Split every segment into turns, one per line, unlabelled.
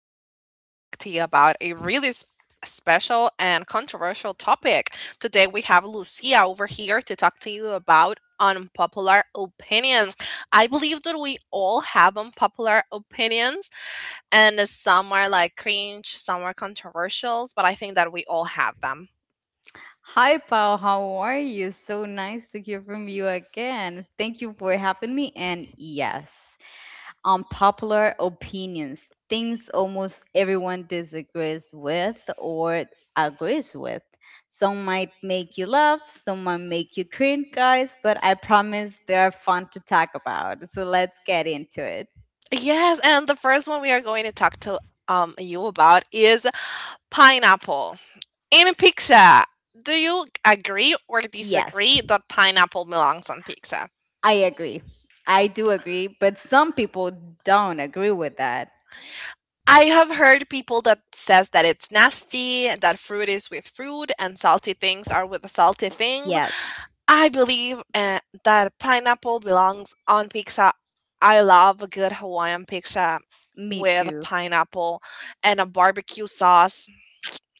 Today we are going to talk to you about a really special and controversial topic. Today we have Lucia over here to talk to you about unpopular opinions. I believe that we all have unpopular opinions, and some are like cringe, some are controversials, but I think that we all have them.
Hi, Pao. How are you? So nice to hear from you again. Thank you for having me. And yes, unpopular opinions, things almost everyone disagrees with or agrees with. Some might make you laugh, some might make you cringe, guys, but I promise they are fun to talk about. So let's get into it.
Yes, and the first one we are going to talk to you about is pineapple. In pizza, do you agree or
Yes,
disagree that pineapple belongs on pizza?
I agree. I do agree, but some people don't agree with that.
I have heard people that says that it's nasty, that fruit is with fruit and salty things are with the salty things.
Yes,
I believe that pineapple belongs on pizza. I love a good Hawaiian pizza
me
with
too.
pineapple and a barbecue sauce.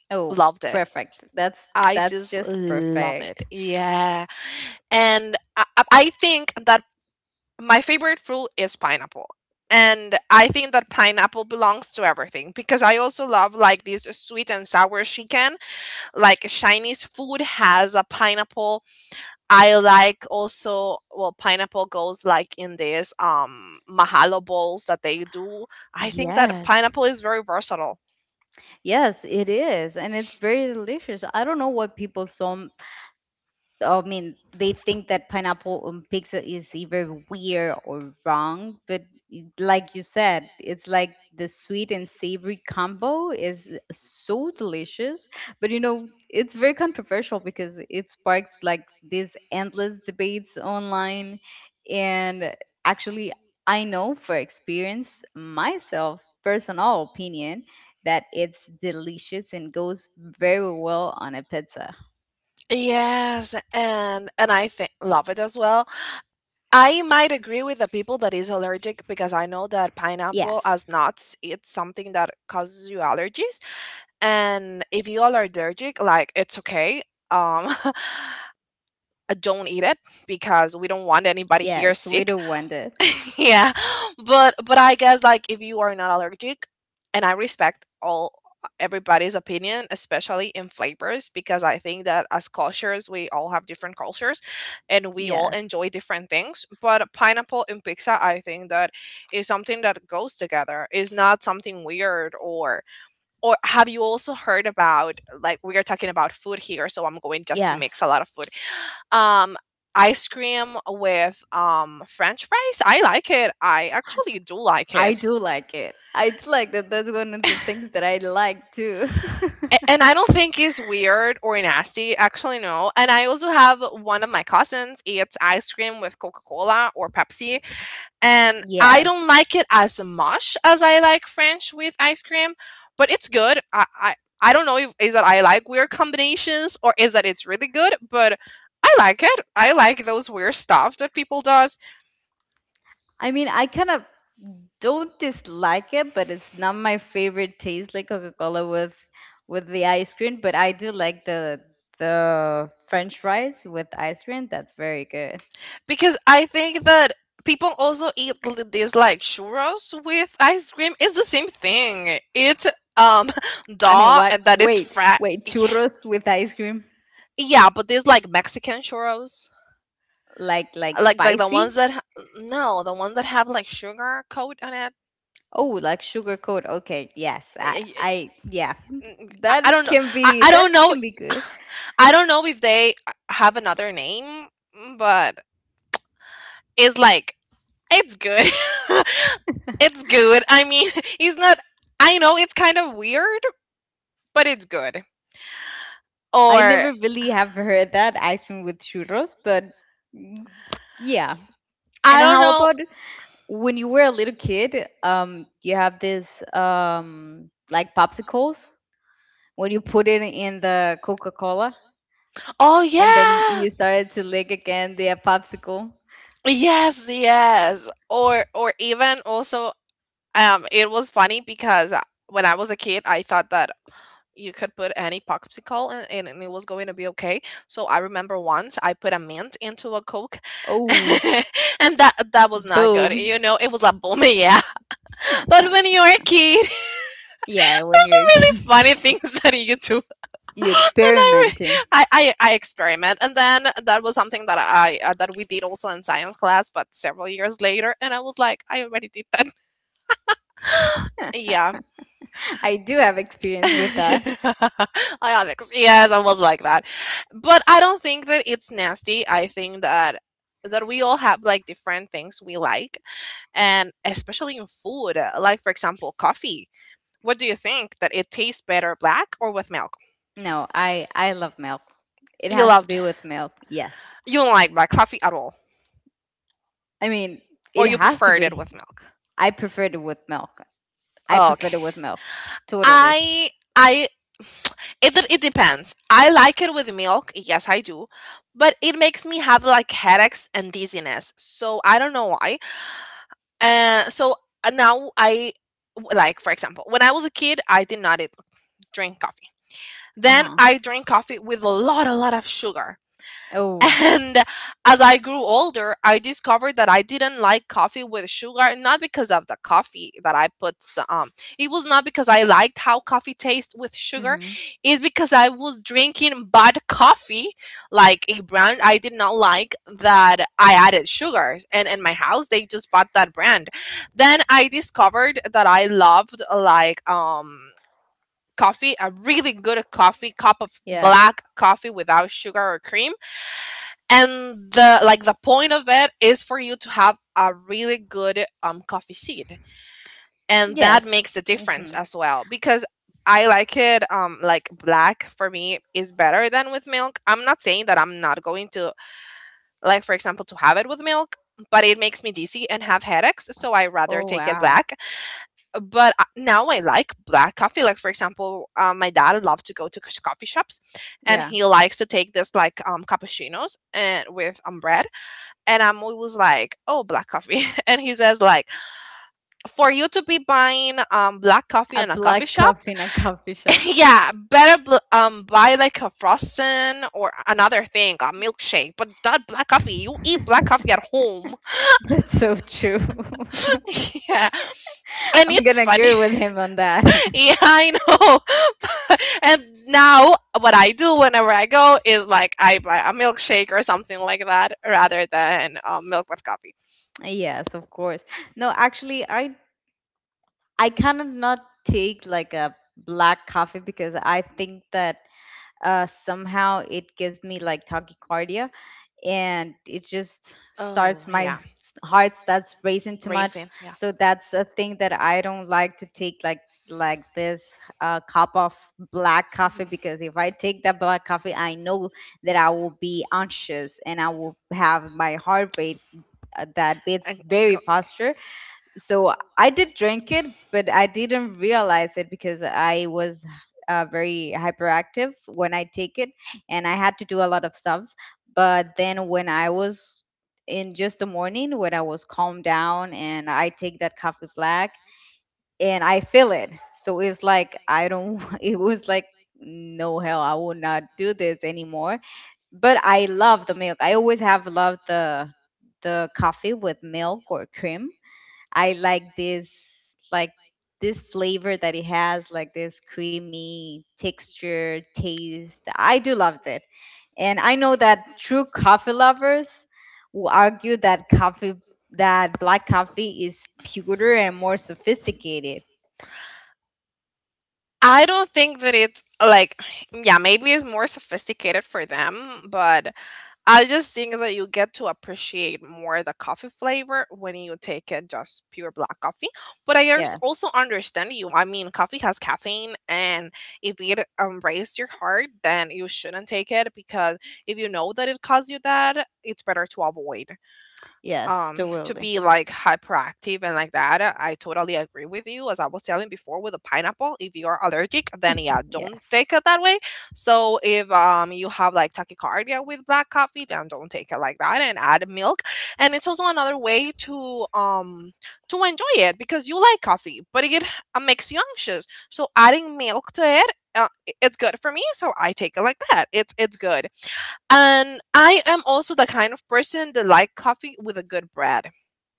Oh,
Loved it.
perfect. That's
I
that's
just
just
love it.
perfect.
Yeah. And I think that my favorite fruit is pineapple. And I think that pineapple belongs to everything because I also love like this sweet and sour chicken. Like Chinese food has a pineapple. I like also well pineapple goes like in this mahalo bowls that they do. I think that
Yes.
pineapple is very versatile.
Yes, it is. And it's very delicious. I don't know what people I mean, they think that pineapple on pizza is either weird or wrong, but like you said, it's like the sweet and savory combo is so delicious. But you know, it's very controversial because it sparks like these endless debates online. And actually, I know for experience myself, personal opinion, that it's delicious and goes very well on a pizza.
Yes, and I think love it as well. I might agree with the people that is allergic because I know that pineapple
Yes.
as nuts, it's something that causes you allergies. And if you are allergic, like it's okay. Um, uh, don't eat it because we don't want anybody here
Yes, we
sick.
do want it.
Yeah, but I guess like if you are not allergic and I respect all everybody's opinion, especially in flavors, because I think that as cultures we all have different cultures and we all
Yes.
enjoy different things, but pineapple and pizza I think that is something that goes together, is not something weird. Or have you also heard about, like, we are talking about food here, so I'm going just to mix
Yes.
a lot of food, um, ice cream with, french fries? I like it. I actually do like
I
it.
do like it. I do like that. That's one of the things that I like too.
And I don't think it's weird or nasty. Actually, no. And I also have one of my cousins eats ice cream with Coca Cola or Pepsi, and I don't
Yes.
like it as much as I like French with ice cream, but it's good. I don't know if is that I like weird combinations or is that it's really good, but I like it. I like those weird stuff that people does.
I mean, I kind of don't dislike it, but it's not my favorite taste like Coca-Cola with the ice cream, but I do like the French fries with ice cream. That's very good.
Because I think that people also eat these like churros with ice cream. It's the same thing. It's um
I mean,
dough
what?
and that it's
Wait,
fried.
wait,
Yeah.
churros with ice cream?
Yeah, but there's like Mexican churros.
Like
Like the ones
spicy?
that no, the ones that have like sugar coat on it.
Oh, like sugar coat. Okay, yes. I
I, I-
I yeah.
I
That
don't know.
can
I,
be
I
that
don't know.
can be good.
I don't know if they have another name, but it's like it's good. It's good. I mean, he's not. I know it's kind of weird, but it's good.
I
Or
never really have heard that ice cream with churros, but mm, yeah. And
I don't
how
know.
about when you were a little kid, you have this like popsicles when you put it in the Coca-Cola
Oh
and then
yeah.
you started to lick again the popsicle.
Yes, yes. Or even also it was funny because when I was a kid, I thought that you could put any popsicle in, and it was going to be okay. So I remember once I put a mint into a Coke,
Oh,
and that was not good.
boom.
You know, it was like boom, yeah. But when you're a kid,
Yeah, when
those
you're
are
a
really funny
kid,
things that you do. And
you
I, re-
experimenting.
I experiment, and then that was something that I that we did also in science class, but several years later, and I was like, I already did that. Yeah,
I do have experience with that.
Ionics. Yes, I was like that. But I don't think that it's nasty. I think that we all have like different things we like, and especially in food, like for example, coffee. What do you think that it tastes better, black or with milk?
No, I love milk. It
You
has to
loved,
be with milk. Yes.
you don't like black coffee at all
I mean,
or
it
you
has to
preferred it
be.
with milk.
I prefer it with milk. I prefer it
Okay.
with milk. Totally.
I I it depends. I like it with milk, yes I do, but it makes me have like headaches and dizziness. So I don't know why. So now like for example, when I was a kid, I did not eat, drink coffee. Then
Uh-huh.
I drink coffee with a lot of sugar.
Oh.
And as I grew older, I discovered that I didn't like coffee with sugar, not because of the coffee that I put. It was not because I liked how coffee tastes with sugar.
Mhm.
It's because I was drinking bad coffee, like a brand I did not like that I added sugars. And in my house, they just bought that brand. Then I discovered that I loved like coffee, a really good coffee, cup of
Yeah.
black coffee without sugar or cream, and the like the point of it is for you to have a really good coffee seed, and that
Yes.
makes a difference
Mhm.
as well. Because I like it, like black for me is better than with milk. I'm not saying that I'm not going to, like for example, to have it with milk, but it makes me dizzy and have headaches, so I rather
Oh
take it
wow.
black. Now I like black coffee. Like for example, my dad loves to go to coffee shops, and
Yeah.
he likes to take this like cappuccinos and with bread, and I'm always like, oh, black coffee. And he says, like, for you to be buying black coffee
A
in a coffee
black
shop,
coffee in a coffee shop.
yeah, better buy like a frozen or another thing, a milkshake. But not black coffee. You eat black coffee at home.
That's so true.
Yeah, and
I'm
it's
gonna
funny.
agree with him on that.
Yeah, I know. And now what I do whenever I go is like I buy a milkshake or something like that rather than milk with coffee.
Yes, of course. No, actually, I cannot not take like a black coffee because I think that somehow it gives me like tachycardia and it just starts
Oh,
my
yeah.
heart starts racing too much.
Racing, yeah.
So that's a thing that I don't like to take like this cup of black coffee because if I take that black coffee, I know that I will be anxious and I will have my heart rate that beats
And
very
go.
faster, so I did drink it, but I didn't realize it because I was very hyperactive when I take it, and I had to do a lot of stuffs. But then when I was in just the morning, when I was calmed down, and I take that coffee black, and I feel it. So it's like I don't. It was like no hell, I will not do this anymore. But I love the milk. I always have loved the coffee with milk or cream. I like this flavor that it has, like this creamy texture, taste. I do love it. And I know that true coffee lovers will argue that coffee that black coffee is purer and more sophisticated.
I don't think that it's like, yeah, maybe it's more sophisticated for them, but I just think that you get to appreciate more the coffee flavor when you take it just pure black coffee. But
Yeah.
also understand you. I mean, coffee has caffeine, and if it raises your heart, then you shouldn't take it because if you know that it caused you that, it's better to avoid,
Yes,
to be
totally.
like hyperactive and like that. I totally agree with you. As I was telling before with the pineapple, if you are allergic then yeah, don't
Yes.
take it that way. So if you have like tachycardia with black coffee, then don't take it like that and add milk. And it's also another way to enjoy it, because you like coffee but it makes you anxious, so adding milk to it, it's good for me, so I take it like that. It's good. And I am also the kind of person that like coffee with a good bread.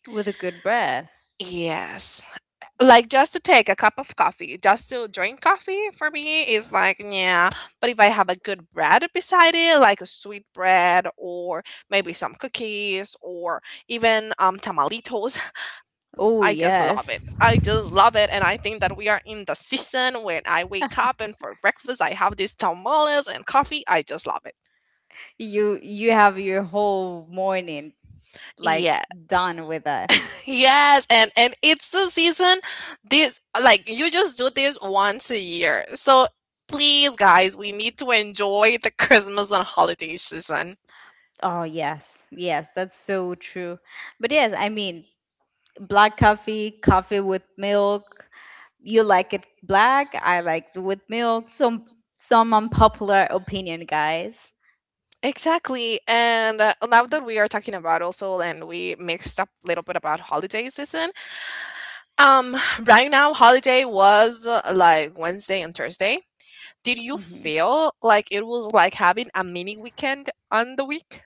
With a good bread.
Yes. Like just to take a cup of coffee, just to drink coffee for me is like, yeah. But if I have a good bread beside it, like a sweet bread or maybe some cookies or even tamalitos,
Oh
I just love
yes.
it. I just love it, and I think that we are in the season. When I wake up and for breakfast I have these tamales and coffee, I just love it.
You have your whole morning like
Yes.
done with that.
Yes, and it's the season. This like you just do this once a year. So please guys, we need to enjoy the Christmas and holiday season.
Oh yes. Yes, that's so true. But yes, I mean, black coffee, coffee with milk. You like it black, I like it with milk. Some unpopular opinion, guys.
Exactly. And now that we are talking about also, and we mixed up a little bit about holiday season. Um right now holiday was like Wednesday and Thursday. Did you
Hmm.
feel like it was like having a mini weekend on the week?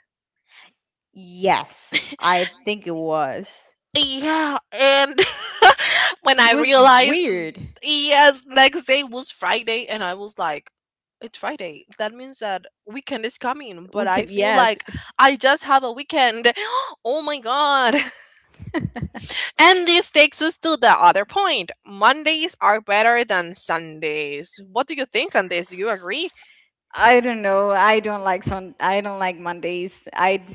Yes, I think it was.
Yeah, and when
It
I
was
realized,
weird.
yes, next day was Friday, and I was like, it's Friday. That means that weekend is coming, but
We
I
can,
feel
yes.
like I just had a weekend. Oh my god. And this takes us to the other point. Mondays are better than Sundays. What do you think on this? Do you agree?
I don't know. I don't like sun. I don't like Mondays. I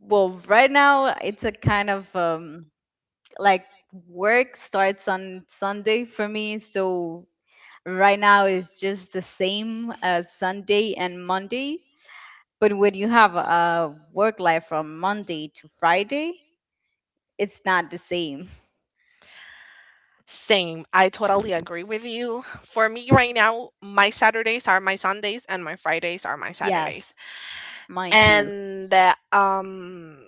Well, right now it's a kind of like work starts on Sunday for me. So right now it's just the same as Sunday and Monday. But when you have a work life from Monday to Friday, it's not the same.
Same. I totally agree with you. For me right now, my Saturdays are my Sundays and my Fridays are my Saturdays.
Yes, mine too.
And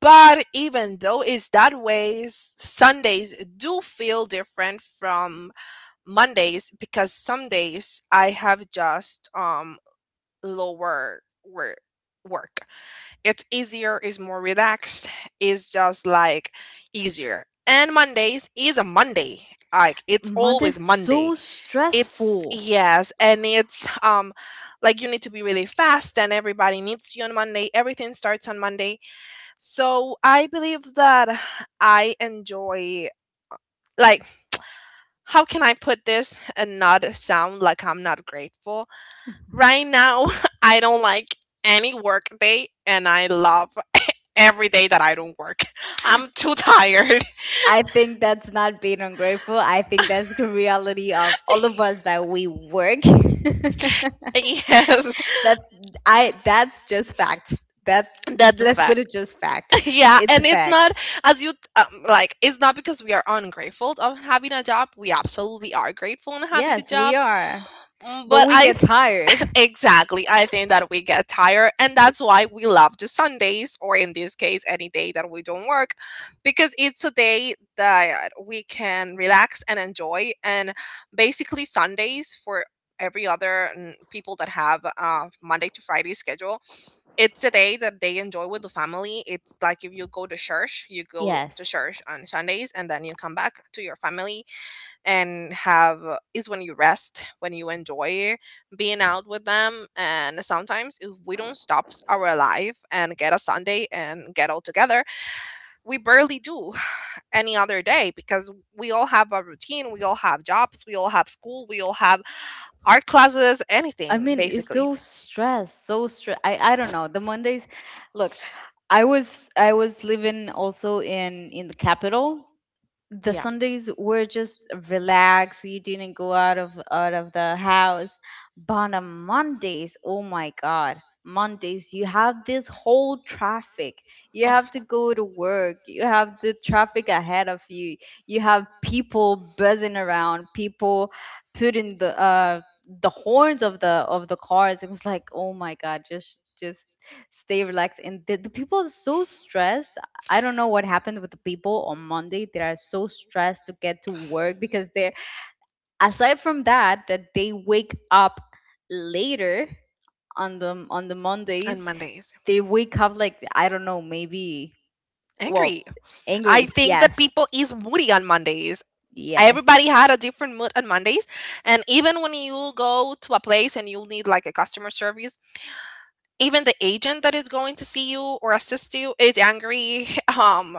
but even though it's that way, Sundays do feel different from Mondays, because some days I have just lower work. It's easier, it's more relaxed, it's just like easier. And Mondays is a Monday. Like it's always
Monday's
Monday.
so
It's,
stressful.
yes, and it's like you need to be really fast and everybody needs you on Monday. Everything starts on Monday. So I believe that I enjoy, like how can I put this and not sound like I'm not grateful? Right now, I don't like any work day and I love every day that I don't work. I'm too tired.
I think that's not being ungrateful. I think that's the reality of all of us that we work.
Yes,
that that's just facts. That
that's a
Let's put
fact.
it just fact.
Yeah,
It's a
and it's not
fact.
as you like it's not because we are ungrateful of having a job. We absolutely are grateful and happy to
Yes, we
job.
are.
Mm,
But
but
we
I
get tired.
Exactly. I think that we get tired, and that's why we love the Sundays, or in this case, any day that we don't work, because it's a day that we can relax and enjoy. And basically, Sundays for every other people that have Monday to Friday schedule, it's a day that they enjoy with the family. It's like if you go to church, you go to
Yes.
church on Sundays, and then you come back to your family and have is when you rest, when you enjoy being out with them. And sometimes if we don't stop our life and get a Sunday and get all together, we barely do any other day because we all have a routine, we all have jobs, we all have school, we all have art classes,
I
anything
mean, it's
basically.
so stressed, so stress. I don't know. The Mondays, look, I was living also in the capital. The
Yeah.
Sundays were just relaxed. So you didn't go out of the house. But on Mondays, oh my God, Mondays you have this whole traffic. You have
Of cou-
to go to work. You have the traffic ahead of you. You have people buzzing around. People putting the horns of the cars. It was like, oh my God, just stay relaxed. And the people are so stressed. I don't know what happened with the people on Monday that are so stressed to get to work, because they're aside from that that they wake up later on the
and
Mondays.
Mondays.
They wake up like I don't know, maybe
Angry.
well,
I
angry.
think that
Yes.
people is moody on Mondays.
Yes.
Everybody had a different mood on Mondays. And even when you go to a place and you need like a customer service, even the agent that is going to see you or assist you is angry. Um,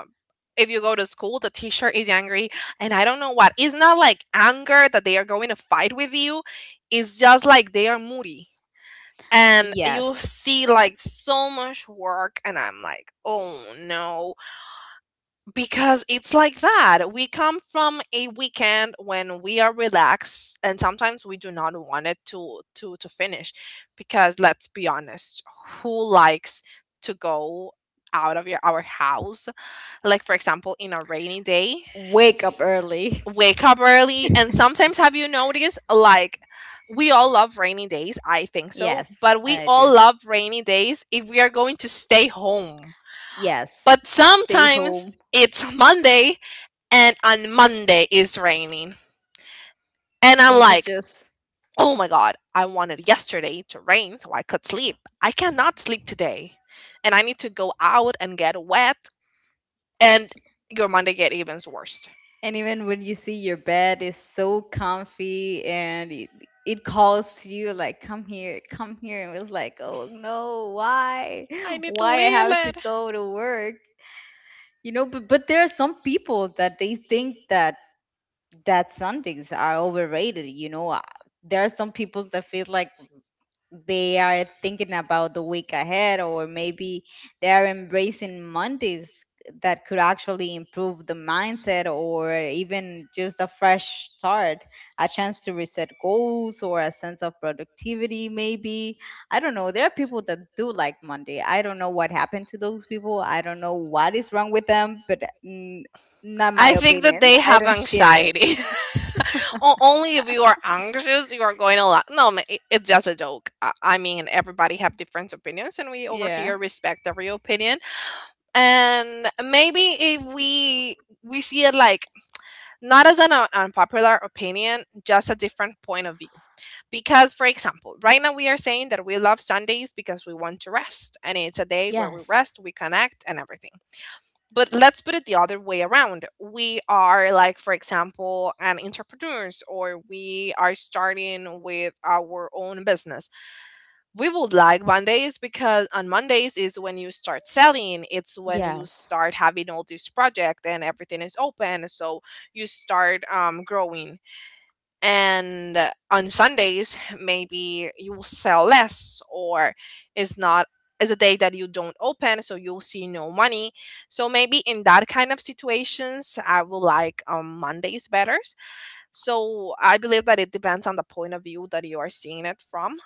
if you go to school, the teacher is angry. And I don't know what. It's not like anger that they are going to fight with you, it's just like they are moody. And you
Yes.
see like so much work, and I'm like, oh no, because it's like that. We come from a weekend when we are relaxed and sometimes we do not want it to finish, because let's be honest, who likes to go out of your our house? Like for example, in a rainy day,
Wake up early.
wake up early. And sometimes have you noticed, like we all love rainy days, I think so,
Yes,
but we
I do.
all love rainy days if we are going to stay home.
Yes.
But
Stay home,
sometimes it's Monday and on Monday it's raining. And I'm
and you
like,
just.
oh my God, I wanted yesterday to rain so I could sleep. I cannot sleep today. And I need to go out and get wet. And your Monday get even worse.
And even when you see your bed is so comfy and it calls to you like come here, come here, and it was like, "Oh no, why?
I need to
Why I
leave
have to
it.
go to work?" You know, but there are some people that they think that Sundays are overrated. There are some people that feel like they are thinking about the week ahead, or maybe they are embracing Mondays, that could actually improve the mindset, or even just a fresh start, a chance to reset goals, or a sense of productivity. Maybe I don't know. There are people that do like Monday. I don't know what happened to those people. I don't know what is wrong with them, but not my
I think that
opinion.
they
I
have
don't share it.
anxiety. O- only if you are anxious, you are going to laugh. No, ma- it's just a joke. I mean, everybody have different opinions, and we over
Yeah.
here respect every opinion. And maybe if we we see it like not as an un- unpopular opinion, just a different point of view, because for example right now we are saying that we love Sundays because we want to rest and it's a day where we
Yes,
rest, we connect, and everything. But let's put it the other way around, we are like for example an entrepreneurs, or we are starting with our own business. We would like Mondays because on Mondays is when you start selling. It's when you
yes,
start having all this project and everything is open. So you start growing. And on Sundays, maybe you will sell less, or it's not is a day that you don't open so you'll see no money. So maybe in that kind of situations I will like Mondays better. So I believe that it depends on the point of view that you are seeing it from,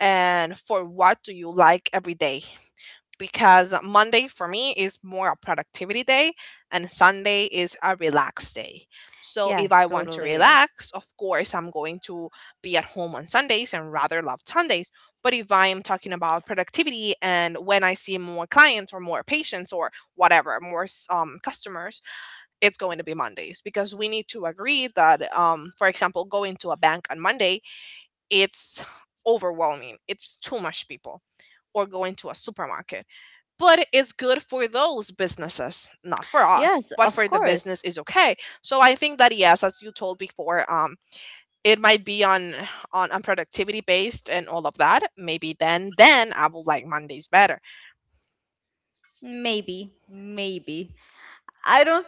and for what do you like every day. Because Monday for me is more a productivity day, and Sunday is a relaxed day. So if
yes,
I want to
totally is.
relax, of course I'm going to be at home on Sundays and rather love Sundays. But if I am talking about productivity and when I see more clients or more patients or whatever, more s- customers, it's going to be Mondays, because we need to agree that for example going to a bank on Monday, it's overwhelming. It's too much people. Or going to a supermarket. But it's good for those businesses, not for us,
Yes,
but
of
for the
course.
business is okay. So I think that yes, as you told before, it might be on productivity based and all of that. Maybe then I will like Mondays better.
Maybe, maybe. I don't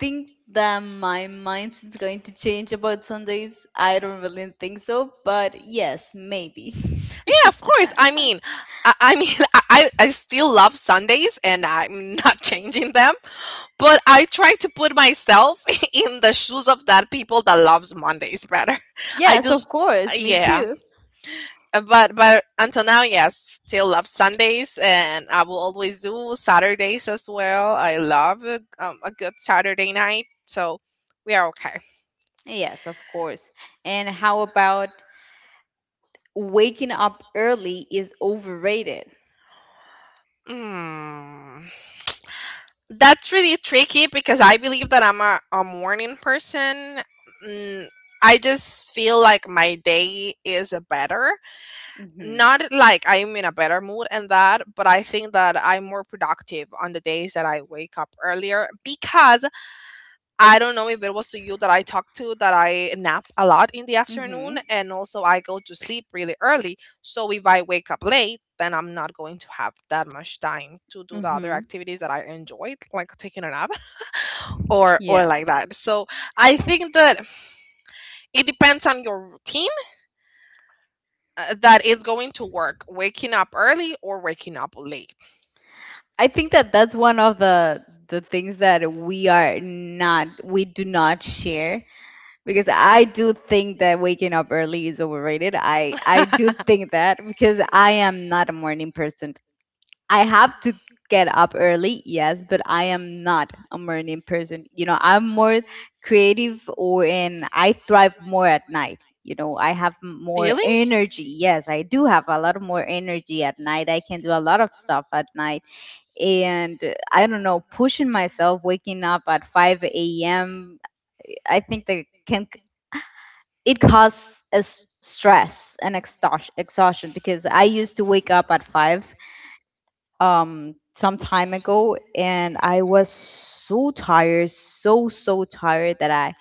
think that my mind is going to change about Sundays. I don't really think so, but yes, maybe.
Yeah, of course. I mean, I mean, I still love Sundays and I'm not changing them. But I try to put myself in the shoes of that people that loves Mondays better. I
Yes, of
just
course. Me
yeah.
too.
But until now, yes, still love Sundays, and I will always do Saturdays as well. I love a good Saturday night, so we are okay.
Yes, of course. And how about waking up early is overrated?
Mm. That's really tricky because I believe that I'm a morning person. Mm, I just feel like my day is better,
Mhm.
not like I'm in a better mood and that, but I think that I'm more productive on the days that I wake up earlier, because I don't know if it was to you that I talked to, that I nap a lot in the afternoon
Mhm.
and also I go to sleep really early. So if I wake up late, then I'm not going to have that much time to do the other
Mhm.
activities that I enjoyed, like taking a nap or
Yeah.
like that. So I think that it depends on your routine, that is going to work, waking up early or waking up late.
I think that that's one of the things that we do not share, because I do think that waking up early is overrated. I do think that because I am not a morning person. I have to get up early, yes, but I am not a morning person. You know, I'm more creative or and I thrive more at night. You know, I have more
Really?
energy. Yes, I do have a lot of more energy at night. I can do a lot of
Like
stuff at night. And I don't know, pushing myself, waking up at 5 a.m., I think that can it causes a stress and exhaustion, because I used to wake up at 5 some time ago and I was so tired, so tired that I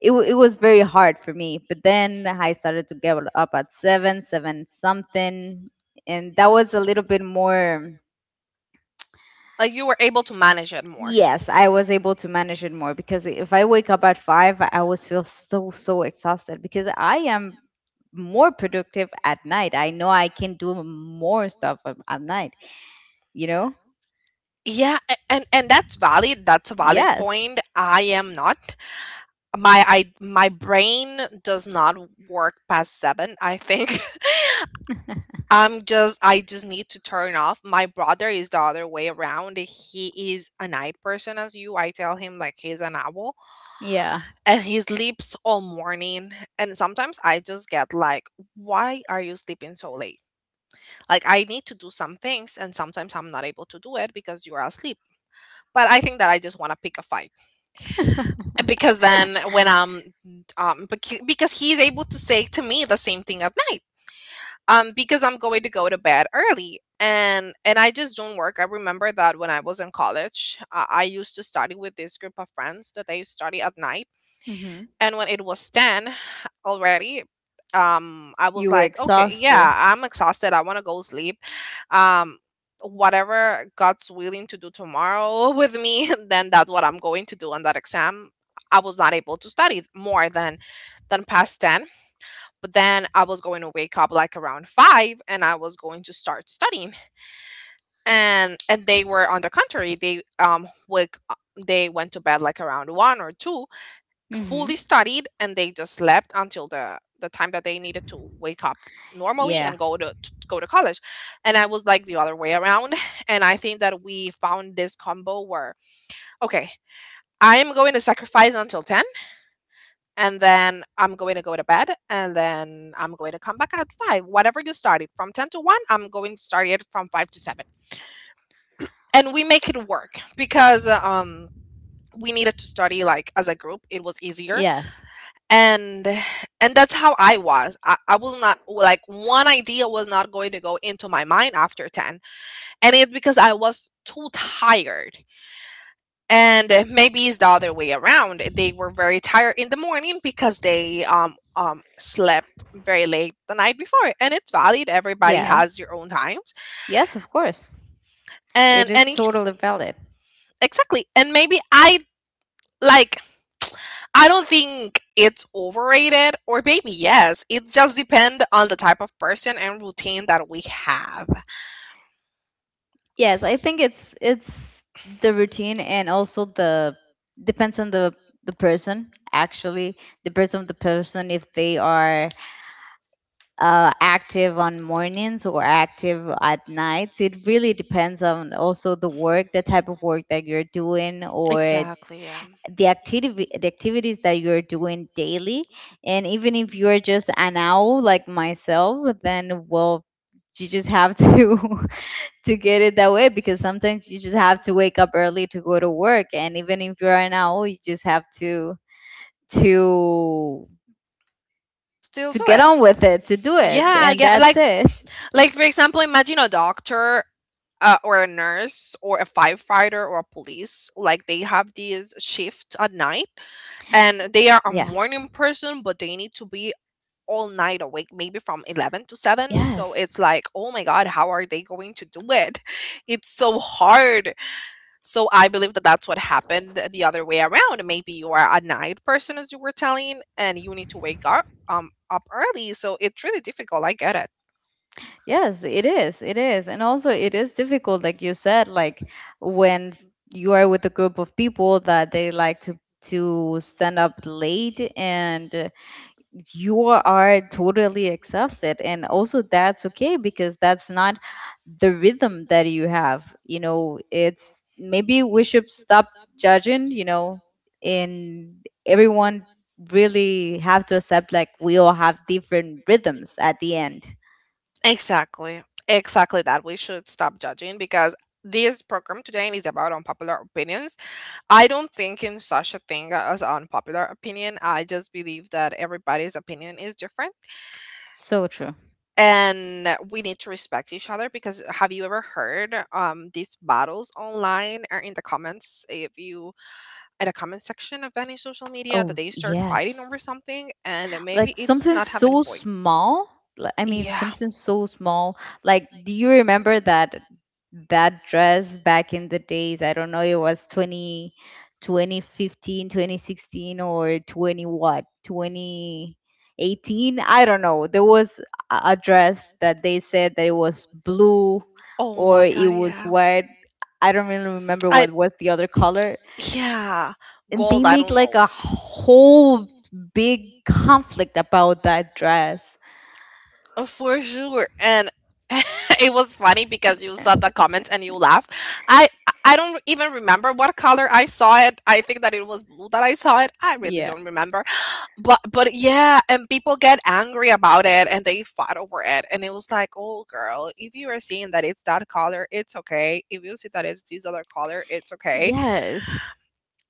it, wa- it was very hard for me. But then I started to get up at 7, 7 something, and that was a little bit more.
Like you were able to manage it more.
Yes, I was able to manage it more because if I wake up at 5, I always feel so, so exhausted because I am more productive at night. I know I can do more stuff at night, you know?
Yeah, and that's valid. That's a valid
Yes.
point. I am not. My brain does not work past 7, I think. I just need to turn off. My brother is the other way around. He is a night person as you. I tell him like he's an owl.
Yeah.
And he sleeps all morning, and sometimes I just get like, why are you sleeping so late, like I need to do some things and sometimes I'm not able to do it because you're asleep. But I think that I just want to pick a fight. And because then when because he's able to say to me the same thing at night, because I'm going to go to bed early and I just don't work. I remember that when I was in college, I used to study with this group of friends that they study at night,
hmm
and when it was 10 already, I
You
was
were
like okay yeah
exhausted.
I'm exhausted, I want to go sleep. um Whatever god's willing to do tomorrow with me, then that's what I'm going to do on that exam. I was not able to study more than past 10. But then I was going to wake up like around 5, and I was going to start studying. And they were on the contrary, they wake they went to bed like around 1 or 2,
Hmm.
fully studied, and they just slept until the time that they needed to wake up normally
Yeah.
and go to go to college. And I was like the other way around. And I think that we found this combo where okay, I am going to sacrifice until 10, and then I'm going to go to bed, and then I'm going to come back at 5. Whatever you started from 10 to 1, I'm going to start it from 5 to 7, and we make it work because we needed to study like as a group, it was easier.
Yes.
and and that's how I was. I was not like one idea was not going to go into my mind after 10, and it's because I was too tired. And maybe it's the other way around, they were very tired in the morning because they slept very late the night before. And it's valid, everybody
Yeah.
has your own times.
Yes, of course.
and
It
and
is
it-
totally valid.
exactly. And maybe I, like, I don't think it's overrated, or maybe yes. It just depends on the type of person and routine that we have. Yes,
Yes, I think it's the routine and also the depends on the person actually depends on the person if they are active on mornings or active at nights. It really depends on also the work, the type of work that you're doing, or
exactly, yeah.
the activity, the activities that you're doing daily. And even if you're just an owl like myself, then well, you just have to to get it that way, because sometimes you just have to wake up early to go to work. And even if you're an owl, you just have to to
Still
to
do
get
it.
on with it, to do it,
Yeah,
and
yeah.
that's it.
Like for example, imagine a doctor or a nurse or a firefighter or a police, like they have this shift at night and they are a
Yes,
morning person but they need to be all night awake, maybe from 11 to 7. So
yes.
it's like, oh my god, how are they going to do it? It's so hard. So I believe that that's what happened the other way around. Maybe you are a night person, as you were telling, and you need to wake up up early, so it's really difficult. I get it.
Yes, it is, it is. And also it is difficult, like you said, like when you are with a group of people that they like to stand up late and you are totally exhausted. And also that's okay, because that's not the rhythm that you have, you know. It's maybe we should stop judging, and everyone really have to accept, like we all have different rhythms at the end.
Exactly. Exactly that. We should stop judging because this program today is about unpopular opinions. I don't think in such a thing as unpopular opinion. I just believe that everybody's opinion is different
So true.
and we need to respect each other. Because have you ever heard these battles online or in the comments, if you at a comment section of any social media, that
Oh
they start
yes,
fighting over something and maybe
like
it does
something
not have any
so
point.
small. Like, I mean,
Yeah.
something so small. Like, do you remember that that dress back in the days? I don't know, it was 20 2015, 2016, or 20 what, 2018, I don't know. There was a dress that they said that it was blue,
Oh
or
my god,
it was
yeah.
white. I don't really remember
I
what was the other color.
yeah.
And they
Gold, I
make
don't
like
know.
a whole big conflict about that dress.
For sure. And it was funny because you saw the comments and you laugh. I I don't even remember what color I saw it. I think that it was blue that I saw it. I really
Yeah.
don't remember. But yeah, and people get angry about it and they fought over it. And it was like, oh girl, if you are seeing that it's that color, it's okay. If you see that it's this other color, it's okay.
Yes.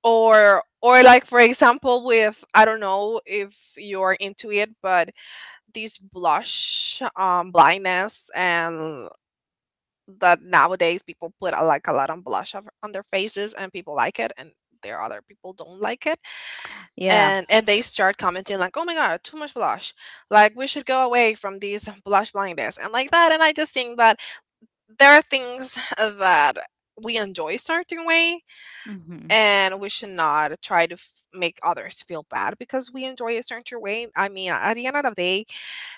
Or like for example with, I don't know if you're into it, but these blush blindness and that nowadays people put a, like a lot on blush on their faces and people like it, and there are other people don't like it,
Yeah.
and they start commenting like, oh my god, too much blush, like we should go away from these blush blindness and like that. And I just think that there are things that we enjoy certain way,
Hmm.
and we should not try to make others feel bad because we enjoy a certain way. I mean, at the end of the day,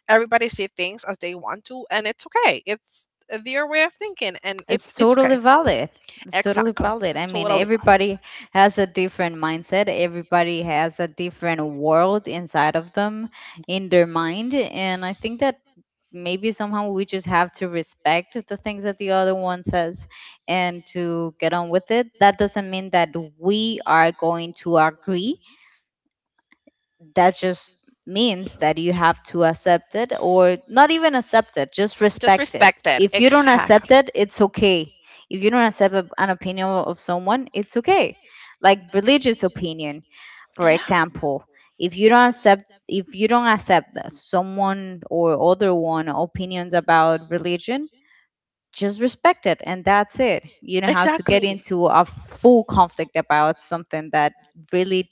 everybody see things as they want to, and it's okay. It's their way of thinking, and it,
It's
it's
totally
okay.
valid. It's totally
Exactly.
valid. I mean,
Totally right.
everybody has a different mindset. Everybody has a different world inside of them, in their mind. And I think that maybe somehow we just have to respect the things that the other one says and to get on with it. That doesn't mean that we are going to agree, that just means that you have to accept it, or not even accept it, just
Just
respect it.
respect it.
If you don't accept
Exactly.
it, it's okay. If you don't accept a, an opinion of someone, it's okay. Like religious opinion, for
Yeah.
example. If you don't accept, if you don't accept someone or other one opinions about religion, just respect it, and that's it. You don't have to get
Exactly.
into a full conflict about something that really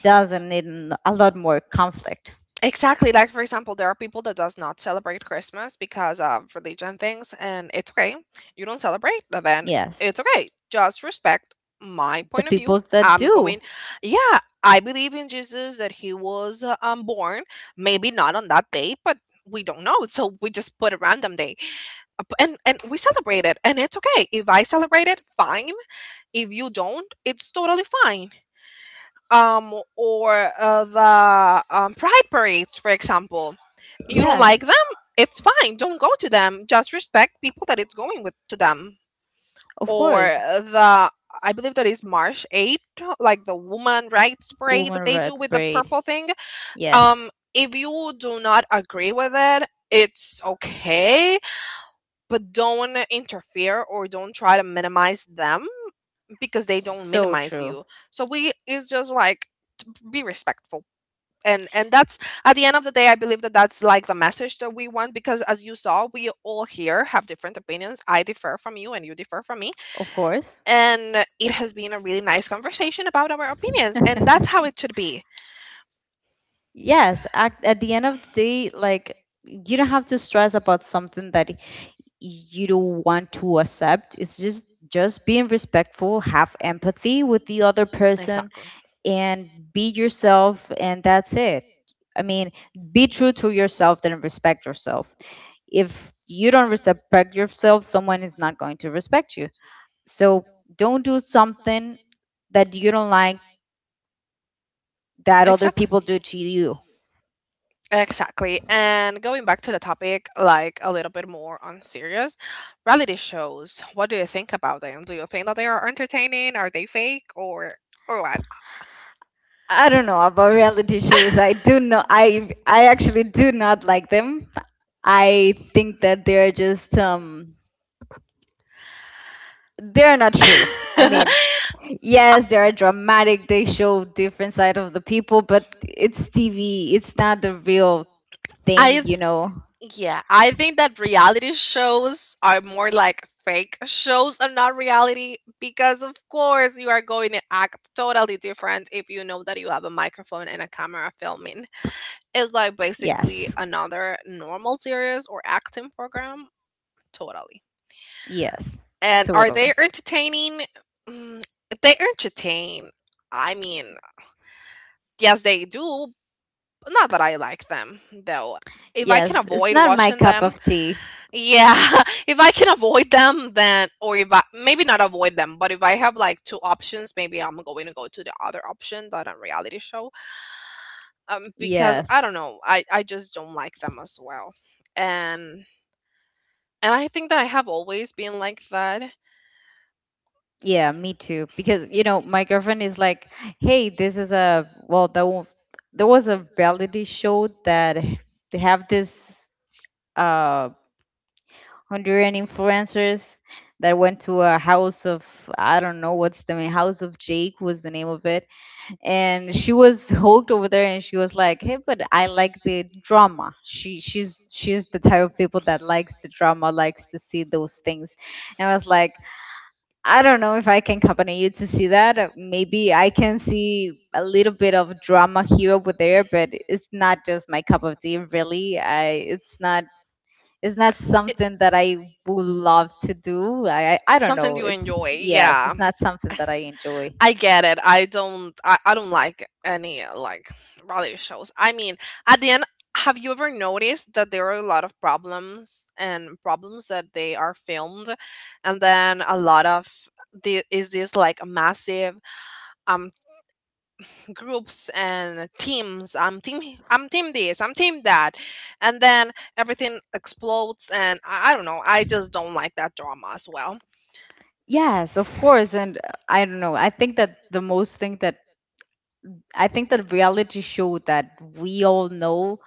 doesn't need a lot more conflict.
Exactly. Like for example, there are people that does not celebrate Christmas because of religion things, and it's okay. You don't celebrate, but then
Yes,
it's okay. Just respect my
the
point of view.
peoples that
I'm
do.
going. Yeah, I believe in Jesus that he was born. Maybe not on that day, but we don't know, so we just put a random day. And we celebrate it, and it's okay. If I celebrate it, fine. If you don't, it's totally fine. Or the pride parades, for example, you don't like
Yes,
them? It's fine. Don't go to them. Just respect people that it's going with to them.
of
Or
course.
the I believe that is March 8, like the woman rights parade that
Woman
they do
rights
with the
braid.
purple thing.
Yes,
If you do not agree with it, it's okay, but don't interfere or don't try to minimize them because they don't
so
minimize
true.
you. So we it's just like be respectful, and that's, at the end of the day, I believe that that's like the message that we want, because as you saw we all here have different opinions. I differ from you and you differ from me,
Of course.
and it has been a really nice conversation about our opinions, and that's how it should be.
Yes, at the end of the day, like, you don't have to stress about something that you don't want to accept. It's just being respectful, have empathy with the other person,
Exactly.
and be yourself, and that's it. I mean, be true to yourself, then respect yourself. If you don't respect yourself, someone is not going to respect you. So don't do something that you don't like that other
Exactly.
people do to you.
Exactly. And going back to the topic, like a little bit more on serious, reality shows, what do you think about them? Do you think that they are entertaining? Are they fake or what?
I don't know about reality shows. I do not. I actually do not like them. I think that they're just they're not true. I mean, yes, they are dramatic. They show different side of the people, but it's TV. It's not the real thing,
I
you know.
yeah, I think that reality shows are more like fake shows and not reality, because of course you are going to act totally different if you know that you have a microphone and a camera filming. It's like
Yes.
basically another normal series or acting program. Totally.
Yes.
And are they
Totally.
entertaining? Mm, they entertain. I mean, yes they do, but not that I like them though. If I can
Yes, it's
avoid
not my
watching
cup
them.
of tea.
Yeah, if I can avoid them, then, or if I maybe not avoid them, but if I have like two options, maybe I'm going to go to the other option, that a reality show, because I
Yes.
don't know, I just don't like them as well, and and I think that I have always been like that.
Yeah, me too. Because, you know, my girlfriend is like, hey, this is a, well, there, there was a reality show that they have this uh, Honduran influencers that went to a house of, I don't know what's the name, House of Jake was the name of it. And she was hooked over there, and she was like, hey, but I like the drama. She's the type of people that likes the drama, likes to see those things. And I was like, I don't know if I can accompany you to see that. Maybe I can see a little bit of drama here over there, but it's not just my cup of tea, really. I it's not it's not
It,
something that I would love to do. I don't
something
know,
you
it's,
enjoy,
yes,
yeah,
it's not something that I enjoy.
I get it. I don't like any like reality shows. I mean, at the end, have you ever noticed that there are a lot of problems and problems that they are filmed, and then a lot of the, is this like massive um groups and teams, I'm team this, I'm team that, and then everything explodes and I don't know, I just don't like that drama as well.
Yes, of course. And I don't know. I think that the most thing that I think that reality show that we all know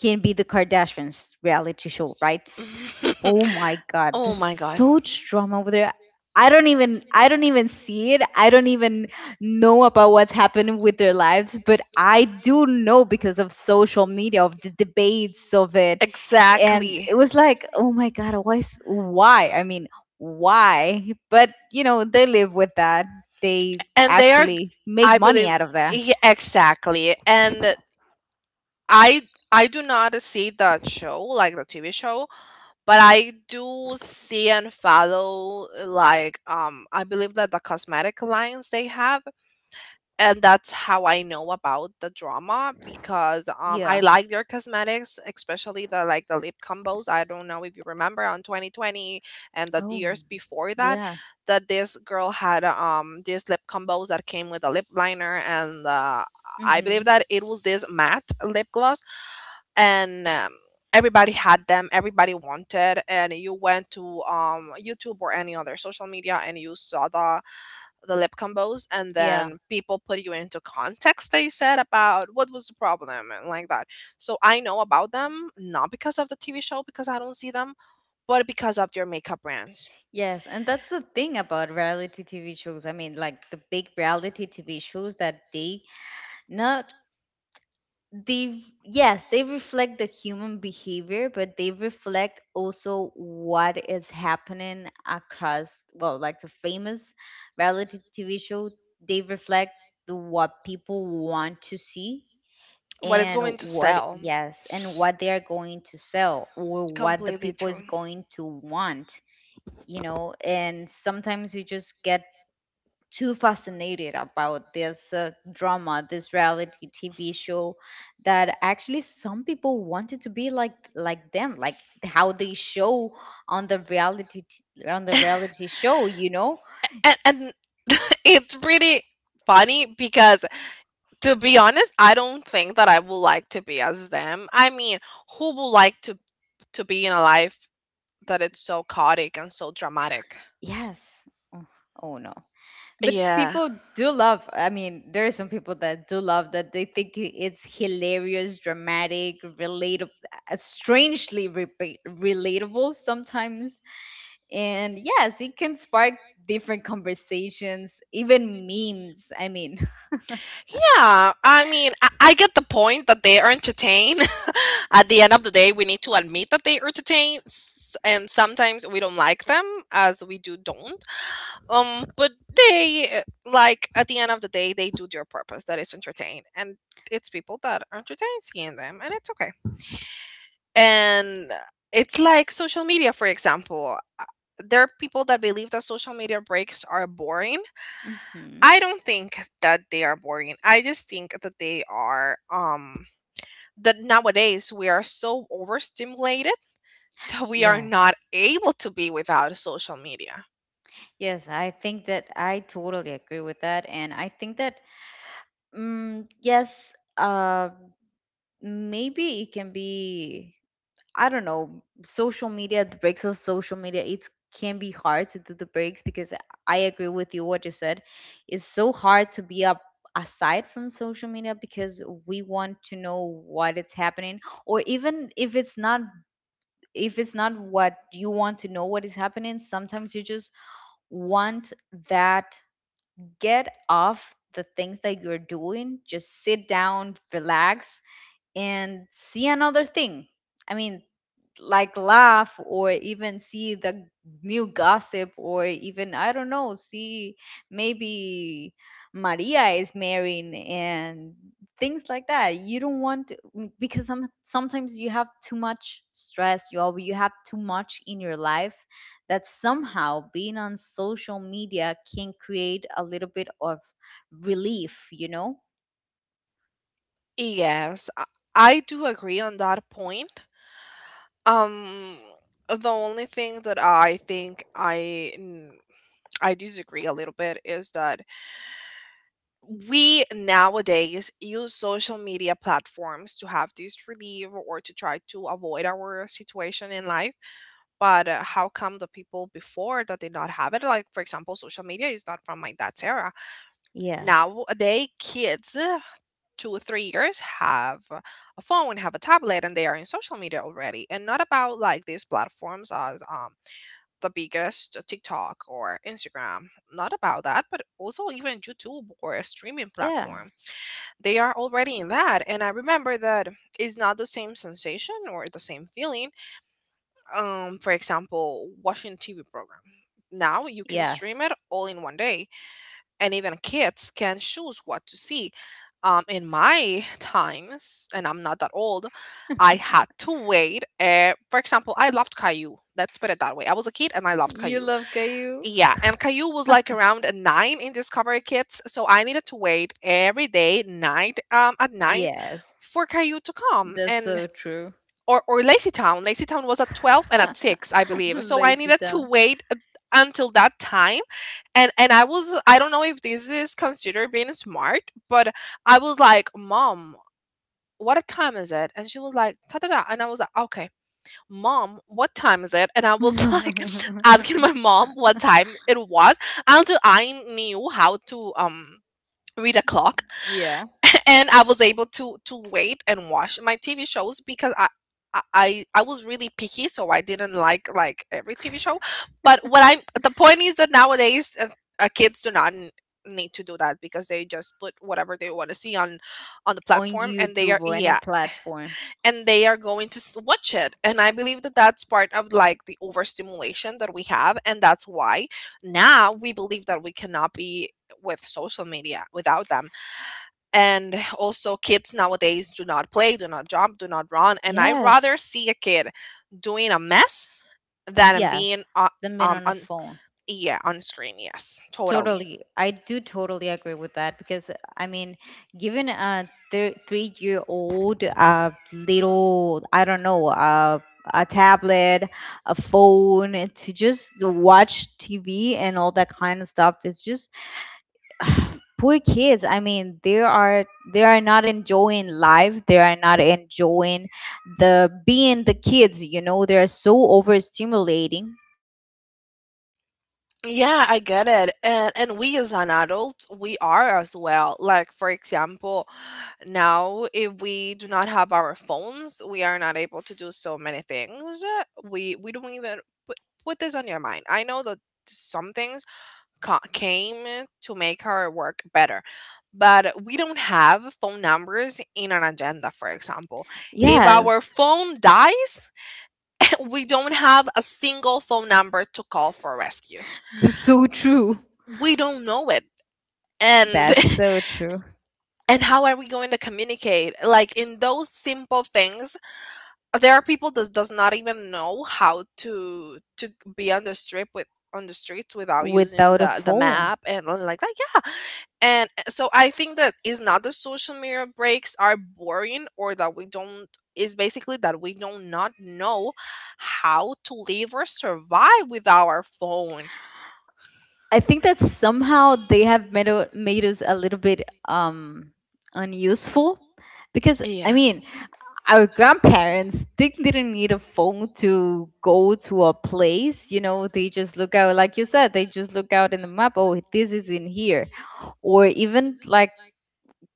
can be the Kardashians reality show, right? Oh my God,
Oh
there's
my god.
so much drama over there. I don't even see it. I don't even know about what's happening with their lives, but I do know because of social media, of the debates of it. And
Exactly.
it was like, oh my God, why is, why? I mean, why? But you know, they live with that. They
And they are
actually make
I
money
believe
out of that.
yeah, exactly. And I I do not see that show like the TV show, but I do see and follow like I believe that the cosmetic lines they have, and that's how I know about the drama. Because I
Yeah.
like their cosmetics, especially the like the lip combos. I don't know if you remember on 2020 and the
Oh,
years before that,
yeah.
that this girl had these lip combos that came with a lip liner and I believe
Mm-hmm.
that it was this matte lip gloss and. Everybody had them. Everybody wanted, and you went to YouTube or any other social media, and you saw the lip combos, and then people put you into context. They said about what was the problem and like that. So I know about them not because of the TV show, because I don't see them, but because of their makeup brands.
Yes, and that's the thing about reality TV shows. I mean, like the big reality TV shows that they not they yes, they reflect the human behavior, but they reflect also what is happening across, well, like the famous reality TV show, they reflect the what people want to see,
What is
and
going to
what,
sell.
yes, and what they are going to sell or what the
Completely
people is
true.
going to want, you know. And sometimes we just get too fascinated about this drama, this reality TV show, that actually some people wanted to be like them, like how they show on the on the reality show, you know.
And it's really funny because, to be honest, I don't think that I would like to be as them. I mean, who would like to be in a life that it's so chaotic and so dramatic?
Yes. Oh, oh no. But
Yeah.
people do love, I mean, there are some people that do love that. They think it's hilarious, dramatic, relatable. Uh, strangely relatable sometimes. And yes, it can spark different conversations, even memes. I mean,
Yeah, I mean, I get the point that they are entertained. At the end of the day, we need to admit that they are entertained, and sometimes we don't like them as we do don't. But they like at the end of the day, they do their purpose that is entertain, and it's people that are entertained seeing them, and it's okay. And it's like social media, for example. There are people that believe that social media breaks are boring.
hmm
I don't think that they are boring. I just think that they are that nowadays we are so overstimulated that we are not
yes.
able to be without social media.
Yes, I think that I totally agree with that. And I think that, mm, yes, maybe it can be. I don't know, social media, the breaks of social media, it can be hard to do the breaks because I agree with you what you said. It's so hard to be up aside from social media because we want to know what is happening, or even if it's not, if it's not what you want to know what is happening, sometimes you just want that, get off the things that you're doing, just sit down, relax, and see another thing. I mean, like laugh, or even see the new gossip, or even I don't know, see maybe Maria is marrying and things like that. You don't want to- m- Because some, sometimes you have too much stress, you have too much in your life that somehow being on social media can create a little bit of relief, you know?
Yes, I do agree on that point. Um the only thing that I think I I disagree a little bit is that we nowadays use social media platforms to have this relief or to try to avoid our situation in life. But how come the people before that did not have it? Like for example, social media is not from my dad's era.
Yes.
Nowadays kids 2 or 3 years have a phone, have a tablet, and they are in social media already, and not about like these platforms as the biggest TikTok or Instagram, not about that, but also even YouTube or a streaming
Yeah.
platform. They are already in that. And I remember that it's not the same sensation or the same feeling. For example, watching TV program. Now you can stream
Yes.
it all in one day, and even kids can choose what to see. In my times, and I'm not that old, I had to wait. For example, I loved Caillou. Let's put it that way. I was a kid and I loved
You
Caillou.
love Caillou?
Yeah, and Caillou was like around a nine in Discovery Kids, so I needed to wait every day, night at night,
Yes.
for Caillou to come.
That's
And
so true.
or Lazy Town. Lazy Town was at 12 and at 6, I believe. So I
Lazy
needed to
town.
until that time. And I was, I don't know if this is considered being smart, but I was like, "Mom, what a time is it?" And she was like, "Ta ta ta." And I was like, "Okay, mom, what time is it?" And I was like asking my mom what time it was until I knew how to read a clock,
Yeah.
and I was able to wait and watch my TV shows because I was really picky, so I didn't like every TV show. But what I the point is that nowadays kids do not need to do that because they just put whatever they want to see on the
On
platform, and they
YouTube
are
or any
yeah,
platform.
and they are going to watch it. And I believe that that's part of like the overstimulation that we have, and that's why now we believe that we cannot be with social media without them. And also kids nowadays do not play, do not jump, do not run, and I rather
Yes.
see a kid doing a mess than being
Yes.
uh,
Than being
um
on a
on
phone.
yeah on screen. Yes, totally.
Totally. I do totally agree with that because, I mean, given a 3 year old, little, I don't know, a tablet, a phone, to just watch TV and all that kind of stuff is just poor kids. I mean, they are, they are not enjoying life, they are not enjoying the being the kids, you know. They are so overstimulating.
Yeah, I get it. And we as an adult we are as well, like for example now if we do not have our phones we are not able to do so many things. We don't even put, put this on your mind. I know that some things came to make our work better. But we don't have phone numbers in an agenda, for example. If our
Yes,
phone dies, we don't have a single phone number to call for rescue.
that's so true.
We don't know it. And
That's so true.
and how are we going to communicate? Like in those simple things, there are people that does not even know how to be on the strip with on the streets without using
Without a
the
phone.
map and all like that. Yeah. And so I think that is not the social media breaks are boring or that we don't, is basically that we don't not know how to live or survive with our phone.
I think that somehow they have made us a little bit unuseful, because I
Yeah.
mean, our grandparents, they didn't need a phone to go to a place, you know. They just look out, like you said, they just look out in the map, oh, this is in here. Or even like,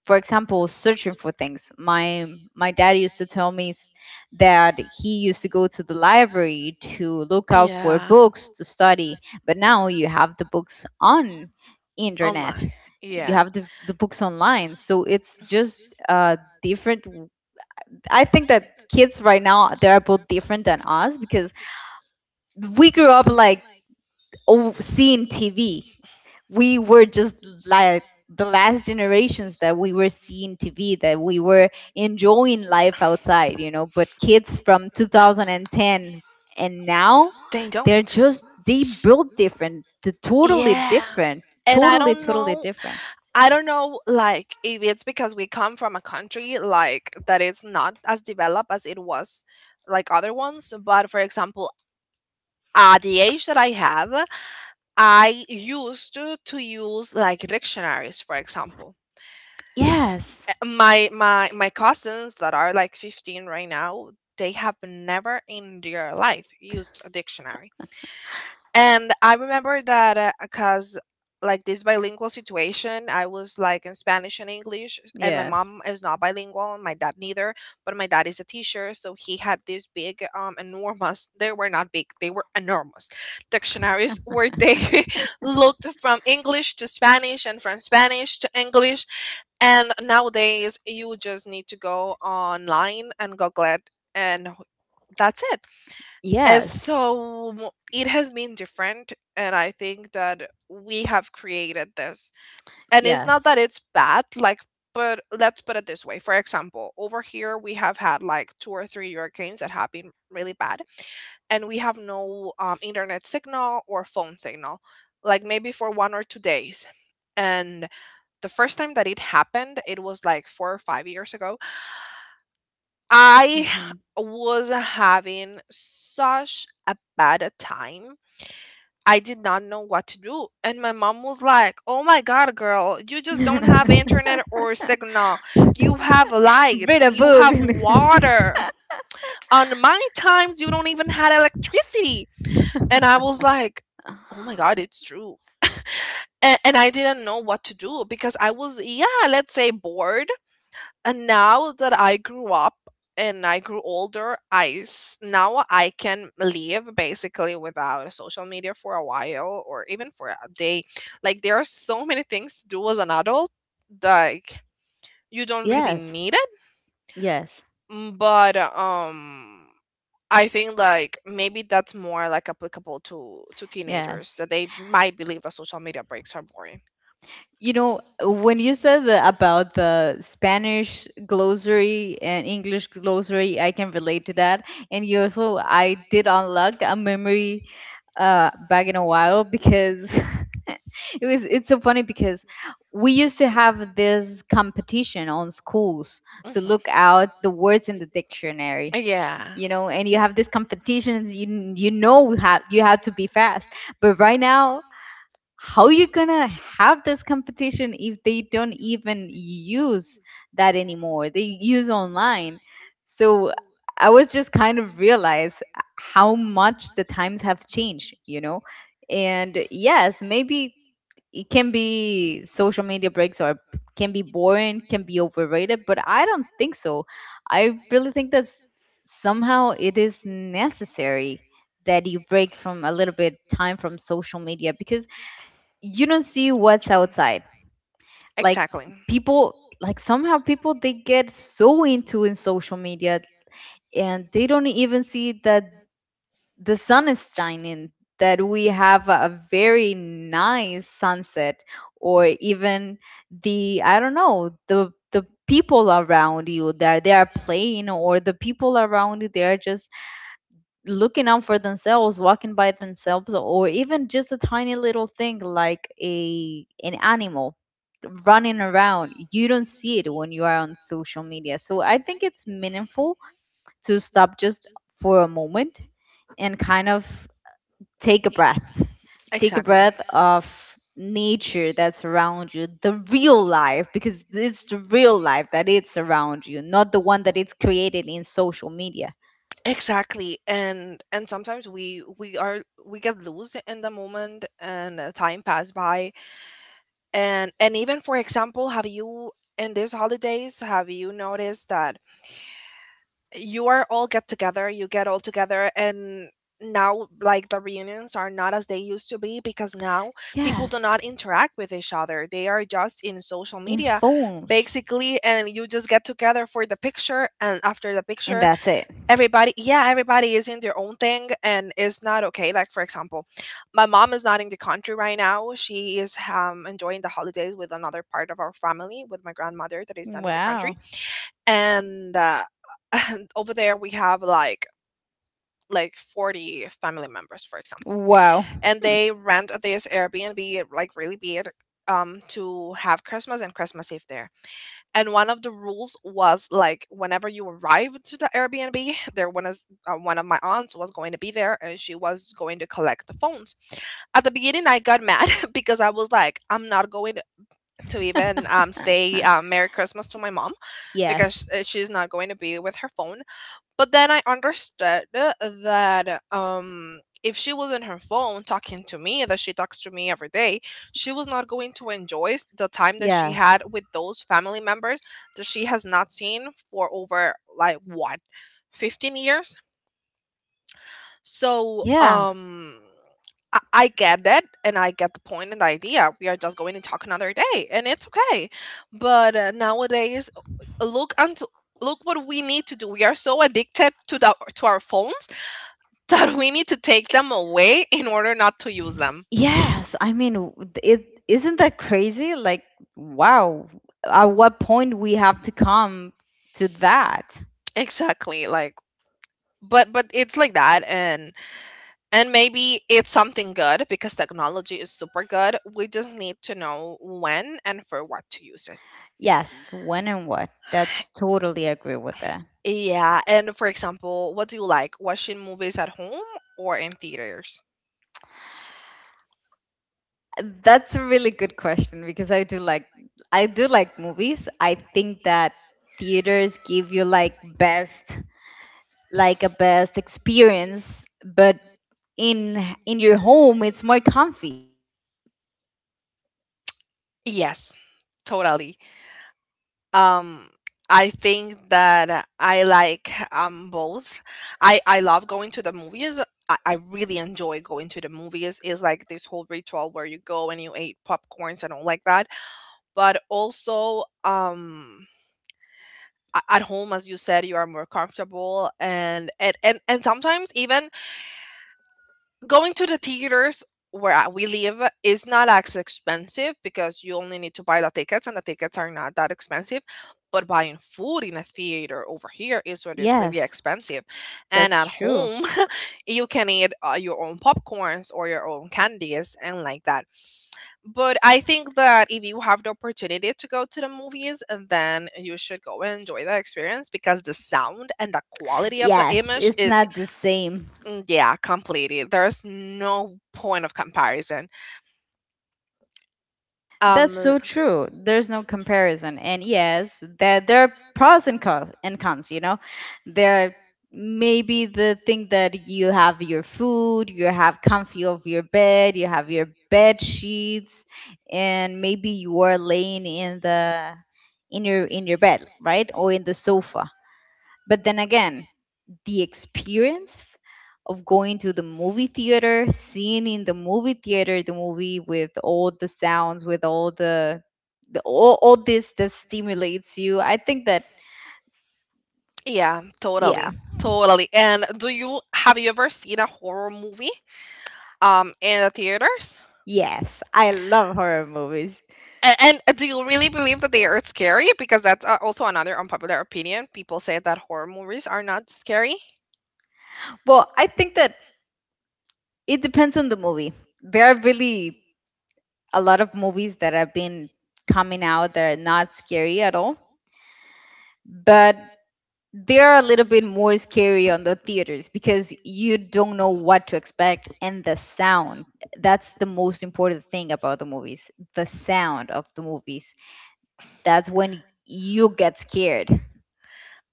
for example, searching for things, my dad used to tell me that he used to go to the library to look out for
Yeah.
books to study. But now you have the books on internet,
Online.
you
Yeah.
have the books online. So it's just a different, I think that kids right now they are both different than us, because we grew up like, oh, seeing TV. We were just like the last generations that we were seeing TV, that we were enjoying life outside, you know. But kids from 2010 and now,
They
they're
don't.
just they built different, they're totally
Yeah.
different,
And
totally totally different.
I don't know, like, if it's because we come from a country, like, that is not as developed as it was, like, other ones. But for example, at the age that I have, I used to use, like, dictionaries, for example.
Yes,
My, my cousins that are, like, 15 right now, they have never in their life used a dictionary. And I remember that because, like, this bilingual situation, I was like in Spanish and English, and my
yes,
mom is not bilingual, and my dad neither. But my dad is a teacher, so he had this big, enormous. They were not big; they were enormous dictionaries where they looked from English to Spanish and from Spanish to English. And nowadays, you just need to go online and Google it, and that's it. And
yes,
so it has been different, and I think that we have created this. And it's not
yes.
that it's bad, like, but let's put it this way. For example, over here we have had like two or three hurricanes that have been really bad, and we have no internet signal or phone signal, like maybe for 1 or 2 days. And the first time that it happened, it was like 4 or 5 years ago. I was having such a bad time. I did not know what to do. And my mom was like, "Oh my God, girl, you just don't have
Hmm.
internet or signal. You have light,
Read a
you
book.
have water. On my times, you don't even had electricity." And I was like, "Oh my God, it's true." And I didn't know what to do because I was, yeah, let's say bored. And now that I grew up and I grew older, now I can live basically without social media for a while or even for a day. Like there are so many things to do as an adult, like you don't really
Yes,
need it.
yes,
But I think like maybe that's more like applicable to teenagers
yes.
that they might believe that social media breaks are boring.
You know, when you said the, about the Spanish glossary and English glossary, I can relate to that. And you also, I did unlock a memory back in a while, because it was. It's so funny because we used to have this competition on schools
Mhm.
to
Mhm.
look out the words in the dictionary.
Yeah,
You know, and you have these competitions, you know, have, you have to be fast. But right now, how you gonna have this competition if they don't even use that anymore, they use online. So I was just kind of realize how much the times have changed, you know. And yes, maybe it can be social media breaks are, can be boring, can be overrated, but I don't think so. I really think that somehow it is necessary that you break from a little bit time from social media, because you don't see what's
true.
outside.
But
Like
Exactly. No, it's
people, like somehow people, they get so into in social media, and they don't even see that the sun is shining, that we have a very nice sunset, or even the, I don't know, the people around you that they are playing, or the people around you, they are just looking out for themselves, walking by themselves, or even just a tiny little thing like a an animal running around, you don't see it when you are on social media. So I think it's meaningful to stop just for a moment and kind of take a breath,
the
take a
exactly.
breath of nature that's around you, the real life, because it's the real life that it's around you, not the one that it's created in social media.
Exactly. And sometimes we are we get loose in the moment and time pass by. And even for example, have you in these holidays have you noticed that you are all get together, you get all together and now like the reunions are not as they used to be because now people do
Yes,
not interact with each other. They are just in social
in
media
phones.
basically and you just get together for the picture and after the
And
picture
that's it.
everybody yeah, everybody is in their own thing and it's not okay. Like for example, my mom is not in the country right now. She is enjoying the holidays with another part of our family with my grandmother that is not in the country
Wow.
and over there we have like 40 family members for example
Wow.
and
Hmm.
they rent this Airbnb like really big to have Christmas and Christmas Eve there. And one of the rules was like whenever you arrived to the Airbnb there one is one of my aunts was going to be there and she was going to collect the phones. At the beginning I got mad because I was like I'm not going to even say merry Christmas to my mom
Yes.
because she's not going to be with her phone. But then I understood that if she was on her phone talking to me, that she talks to me every day, she was not going to enjoy the time that she
Yes.
had with those family members that she has not seen for over like what, 15 years? So,
Yeah.
I get it and I get the point and the idea. We are just going to talk another day and it's okay. But nowadays, uh, look unto look what we need to do. We are so addicted to the to our phones that we need to take them away in order not to use them.
Yes, I mean, it isn't that crazy, like, wow, at what point we have to come to that.
Exactly, like but it's like that. And maybe it's something good because technology is super good. We just need to know when and for what to use it.
Yes, when and what. That's totally agree with that.
Yeah, and for example, what do you like? Watching movies at home or in theaters?
That's a really good question because I do like movies. I think that theaters give you like best, like a
S-
best experience, but in your home it's more comfy.
Yes, totally. Um, I think that I like both. I love going to the movies. I really enjoy going to the movies. It's like this whole ritual where you go and you eat popcorns and all like that. But also at home as you said you are more comfortable and sometimes even going to the theaters where we live is not as expensive because you only need to buy the tickets and the tickets are not that expensive. But buying food in a theater over here is what is really
Yes,
expensive. And
that's
at
true.
home, you can eat your own popcorns or your own candies and like that. But I think that if you have the opportunity to go to the movies, then you should go and enjoy the experience because the sound and the quality of the
Yes,
image
it's
is
not the same.
Yeah, completely. There's no point of comparison.
That's
Um,
so true. There's no comparison. And yes, there are pros and cons, you know. There, maybe the thing that you have your food, you have comfy of your bed, you have your bed sheets, and maybe you are laying in the in your bed, right? Or in the sofa. But then again, the experience of going to the movie theater, seeing in the movie theater the movie with all the sounds, with all the all this that stimulates you. I think that
yeah,
yeah,
totally. Totally. And do you have you ever seen a horror movie in the theaters?
yes, I love horror movies.
And do you really believe that they are scary? Because that's also another unpopular opinion. People say that horror movies are not scary.
Well, I think that it depends on the movie. There are really a lot of movies that have been coming out that are not scary at all. But they're a little bit more scary on the theaters because you don't know what to expect, and the sound, that's the most important thing about the movies, the sound of the movies, that's when you get scared.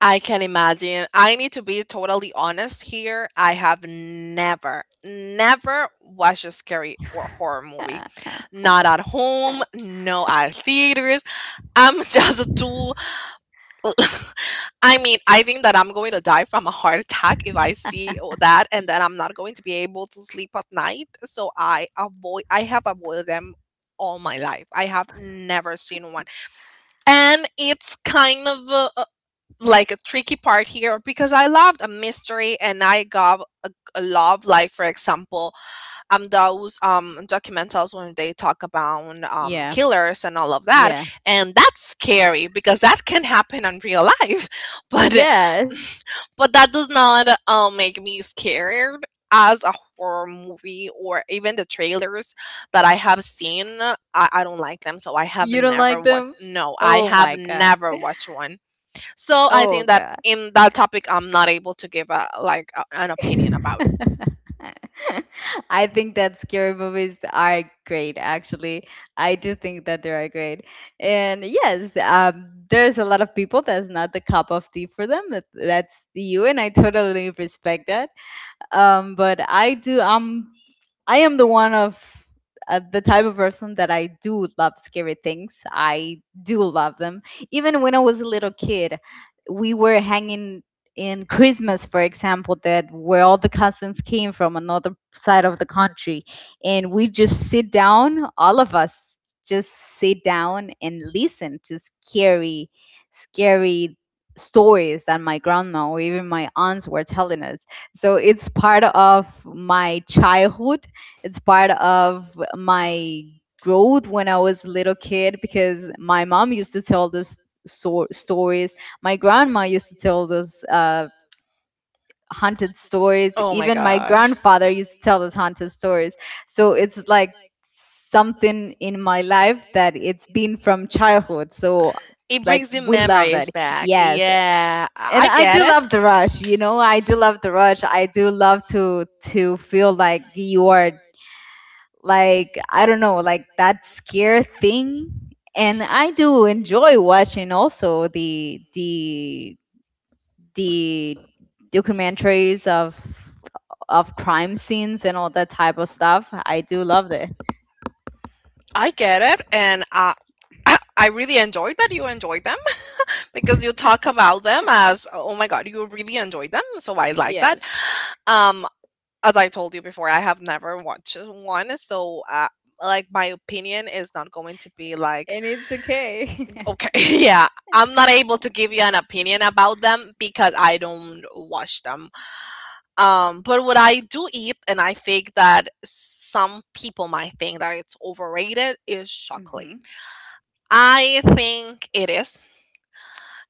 I can imagine. I need to be totally honest here. I have never, never watched a scary or horror movie. Not at home, no at theaters. I'm just too. I mean, I think that I'm going to die from a heart attack if I see that, and then I'm not going to be able to sleep at night. So I avoid. I have avoided them all my life. I have never seen one, and it's kind of like a tricky part here because I loved a mystery, and I got a love like, for example, those documentals when they talk about
Yeah,
killers and all of that
yeah,
and that's scary because that can happen in real life but
yeah.
but that does not make me scared as a horror movie or even the trailers that I have seen I don't like them so I have
You don't
never
like
watched
them?
no I
Oh
have
my god.
never watched one so I
Oh
think that
god.
in that topic I'm not able to give a like a, an opinion about.
I think that scary movies are great, actually. I do think that they are great. And yes, there's a lot of people that's not the cup of tea for them. That's you, and I totally respect that. But I do, I am the one of the type of person that I do love scary things. I do love them. Even when I was a little kid, we were hanging in Christmas, for example, that where all the cousins came from another side of the country, and we just sit down, all of us just sit down and listen to scary, scary stories that my grandma or even my aunts were telling us. So it's part of my childhood. It's part of my growth when I was a little kid because my mom used to tell stories. My grandma used to tell those haunted stories.
Oh my
Even my
god.
grandfather used to tell those haunted stories. So it's like something in my life that it's been from childhood. So
It
like
brings you
we love that.
memories back.
Yes.
Yeah,
And
I
I
get
do love
it.
the rush, you know. I do love the rush. I do love to feel like you are, like I don't know, like that scare thing. And I do enjoy watching also the documentaries of crime scenes and all that type of stuff. I do love it.
I get it, and I I really enjoyed that you enjoyed them because you talk about them as oh my god, you really enjoyed them, so I like that.
Yes,
Um, as I told you before, I have never watched one, so like my opinion is not going to be like
and it's okay.
okay, yeah, I'm not able to give you an opinion about them because I don't watch them. But what I do eat, and I think that some people might think that it's overrated, is chocolate.
Hmm.
I think it is.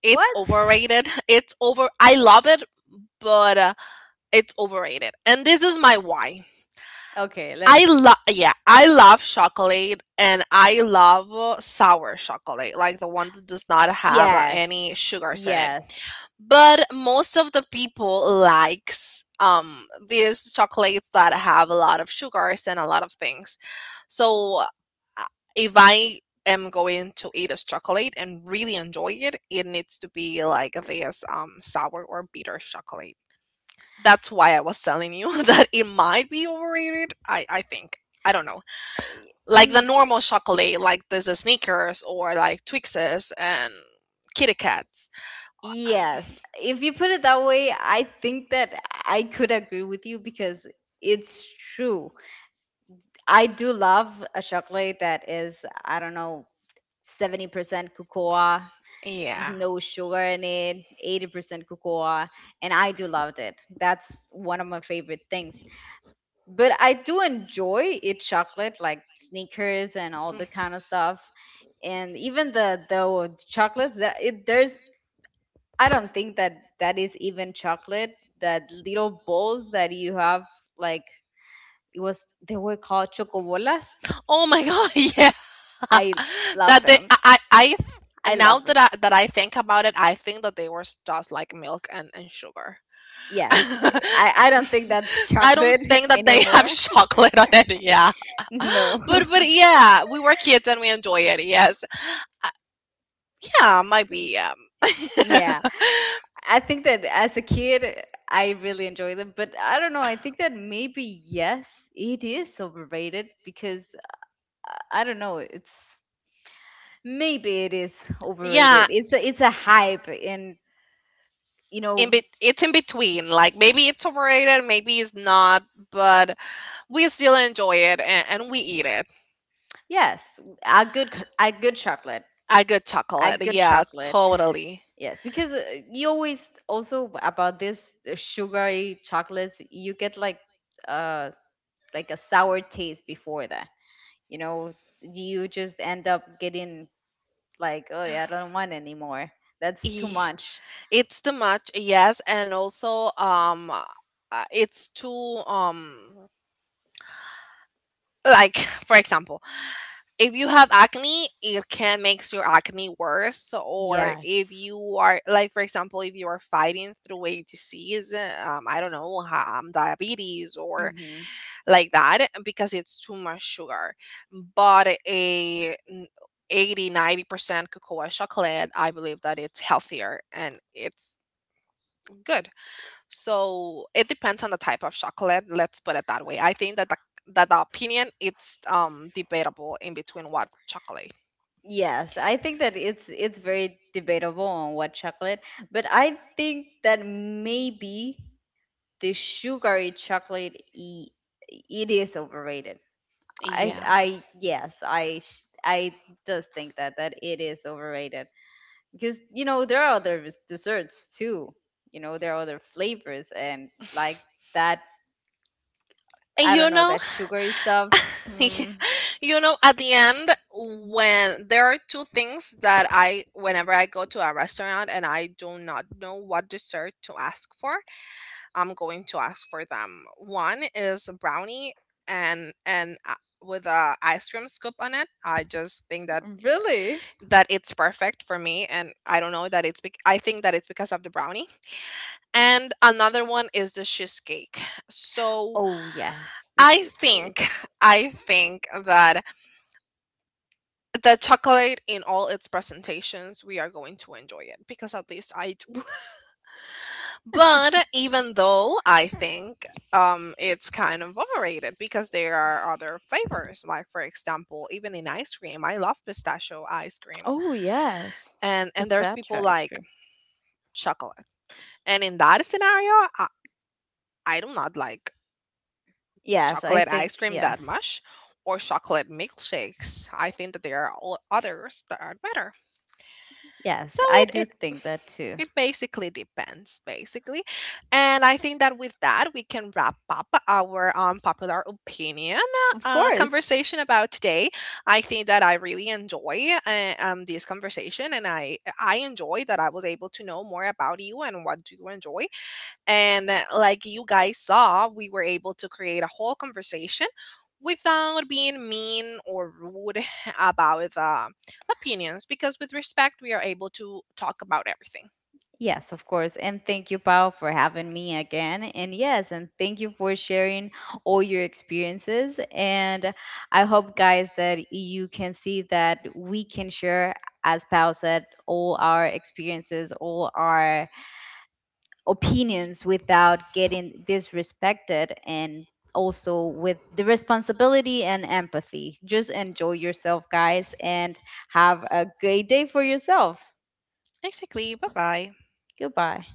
It's
What?
overrated. It's over. I love it, but it's overrated. And this is my why.
Okay, let me
I
see.
love yeah, I love chocolate and I love sour chocolate, like the one that does not have
Yes,
any sugars in it.
yes.
But most of the people likes these chocolates that have a lot of sugars and a lot of things. So uh, if I am going to eat this chocolate and really enjoy it, it needs to be like this sour or bitter chocolate. That's why I was telling you that it might be overrated. I think. I don't know.
I-
Like the
mm,
normal chocolate, like there's a Snickers or like Twixes and Kitty Kats. Um,
Yes, if you put it that way, I think that I could agree with you because it's true. I do love a chocolate that is, I don't know, 70% cocoa,
yeah.
no sugar in it, 80% cocoa, and I do love it. That's one of my favorite things. But I do enjoy eat chocolate like Snickers and all
Mm.
the kind of stuff. And even the chocolates that it, there's, I don't think that that is even chocolate. That little balls that you have, like it was, they were called chocobolas.
Oh my god, yeah.
I love
that they
them.
I-
I
now
love
that
them.
I think about it, I think that they were just like milk and sugar.
Yes,
I
I don't think that's
don't
chocolate
think that they have
anymore.
chocolate on it. Yeah,
No.
but but yeah, we were kids and we enjoy it. Yes, Uh, yeah, maybe.
Yeah, I think that as a kid, I really enjoyed them, but I don't know. I think that maybe yes, it is overrated because I don't know. It's, maybe it is overrated.
Yeah,
It's a hype, and you
in
know.
be- it's in between. Like maybe it's overrated, maybe it's not, but we still enjoy it and we eat it.
Yes, a good chocolate,
A good
a
chocolate.
good
Yeah,
chocolate.
totally.
Yes, because you always also about this sugary chocolates, you get uh like a sour taste before that. You know, you just end up getting like, oh yeah, I don't want anymore. That's too
E-
much.
It's too much, yes, and also it's too like for example if you have acne it can makes your acne worse or if
Yes.
you are like for example if you are fighting through a disease I don't know diabetes or
Mm-hmm.
like that because it's too much sugar, but a 80 90% cocoa chocolate I believe that it's healthier and it's good. So it depends on the type of chocolate. Let's put it that way. I think that that the opinion it's debatable in between what chocolate.
Yes, I think that it's very debatable on what chocolate, but I think that maybe the sugary it is overrated. i
Yeah.
i yes, I does think that that it is overrated because you know there are other desserts too. You know, there are other flavors and like that.
And
I
you
don't know,
know,
that sugary stuff.
yeah,
Hmm,
you know, at the end, when there are two things that I, whenever I go to a restaurant and I do not know what dessert to ask for, I'm going to ask for them. One is a brownie and with a ice cream scoop on it. I just think that
really.
that it's perfect for me and I don't know that it's I think that it's because of the brownie. And another one is the cheesecake. So
Oh yes, the
I think
cheesecake.
I think that the chocolate in all its presentations we are going to enjoy it because at least I do. But even though I think it's kind of overrated because there are other flavors like for example even in ice cream I love pistachio ice cream
Oh, yes.
and there's people
Pistachio ice
like
cream.
chocolate. And in that scenario, I, I do not like
Yes, I
chocolate
think
ice cream that
yes.
much or chocolate milkshakes. I think that there are all others that are better. So
Yes, I do
it
think that too.
it basically depends, basically. And I think that with that, we can wrap up our popular opinion
Of course.
conversation about today. I think that I really enjoy this conversation, and I enjoy that I was able to know more about you and what do you enjoy. And like you guys saw, we were able to create a whole conversation without being mean or rude about opinions because with respect we are able to talk about everything.
Yes, of course. And thank you, Pao, for having me again. And yes, and thank you for sharing all your experiences. And I hope, guys, that you can see that we can share, as Pao said, all our experiences, all our opinions without getting disrespected, and also with the responsibility and empathy. Just enjoy yourself, guys, and have a great day for yourself.
Basically, bye-bye.
Goodbye.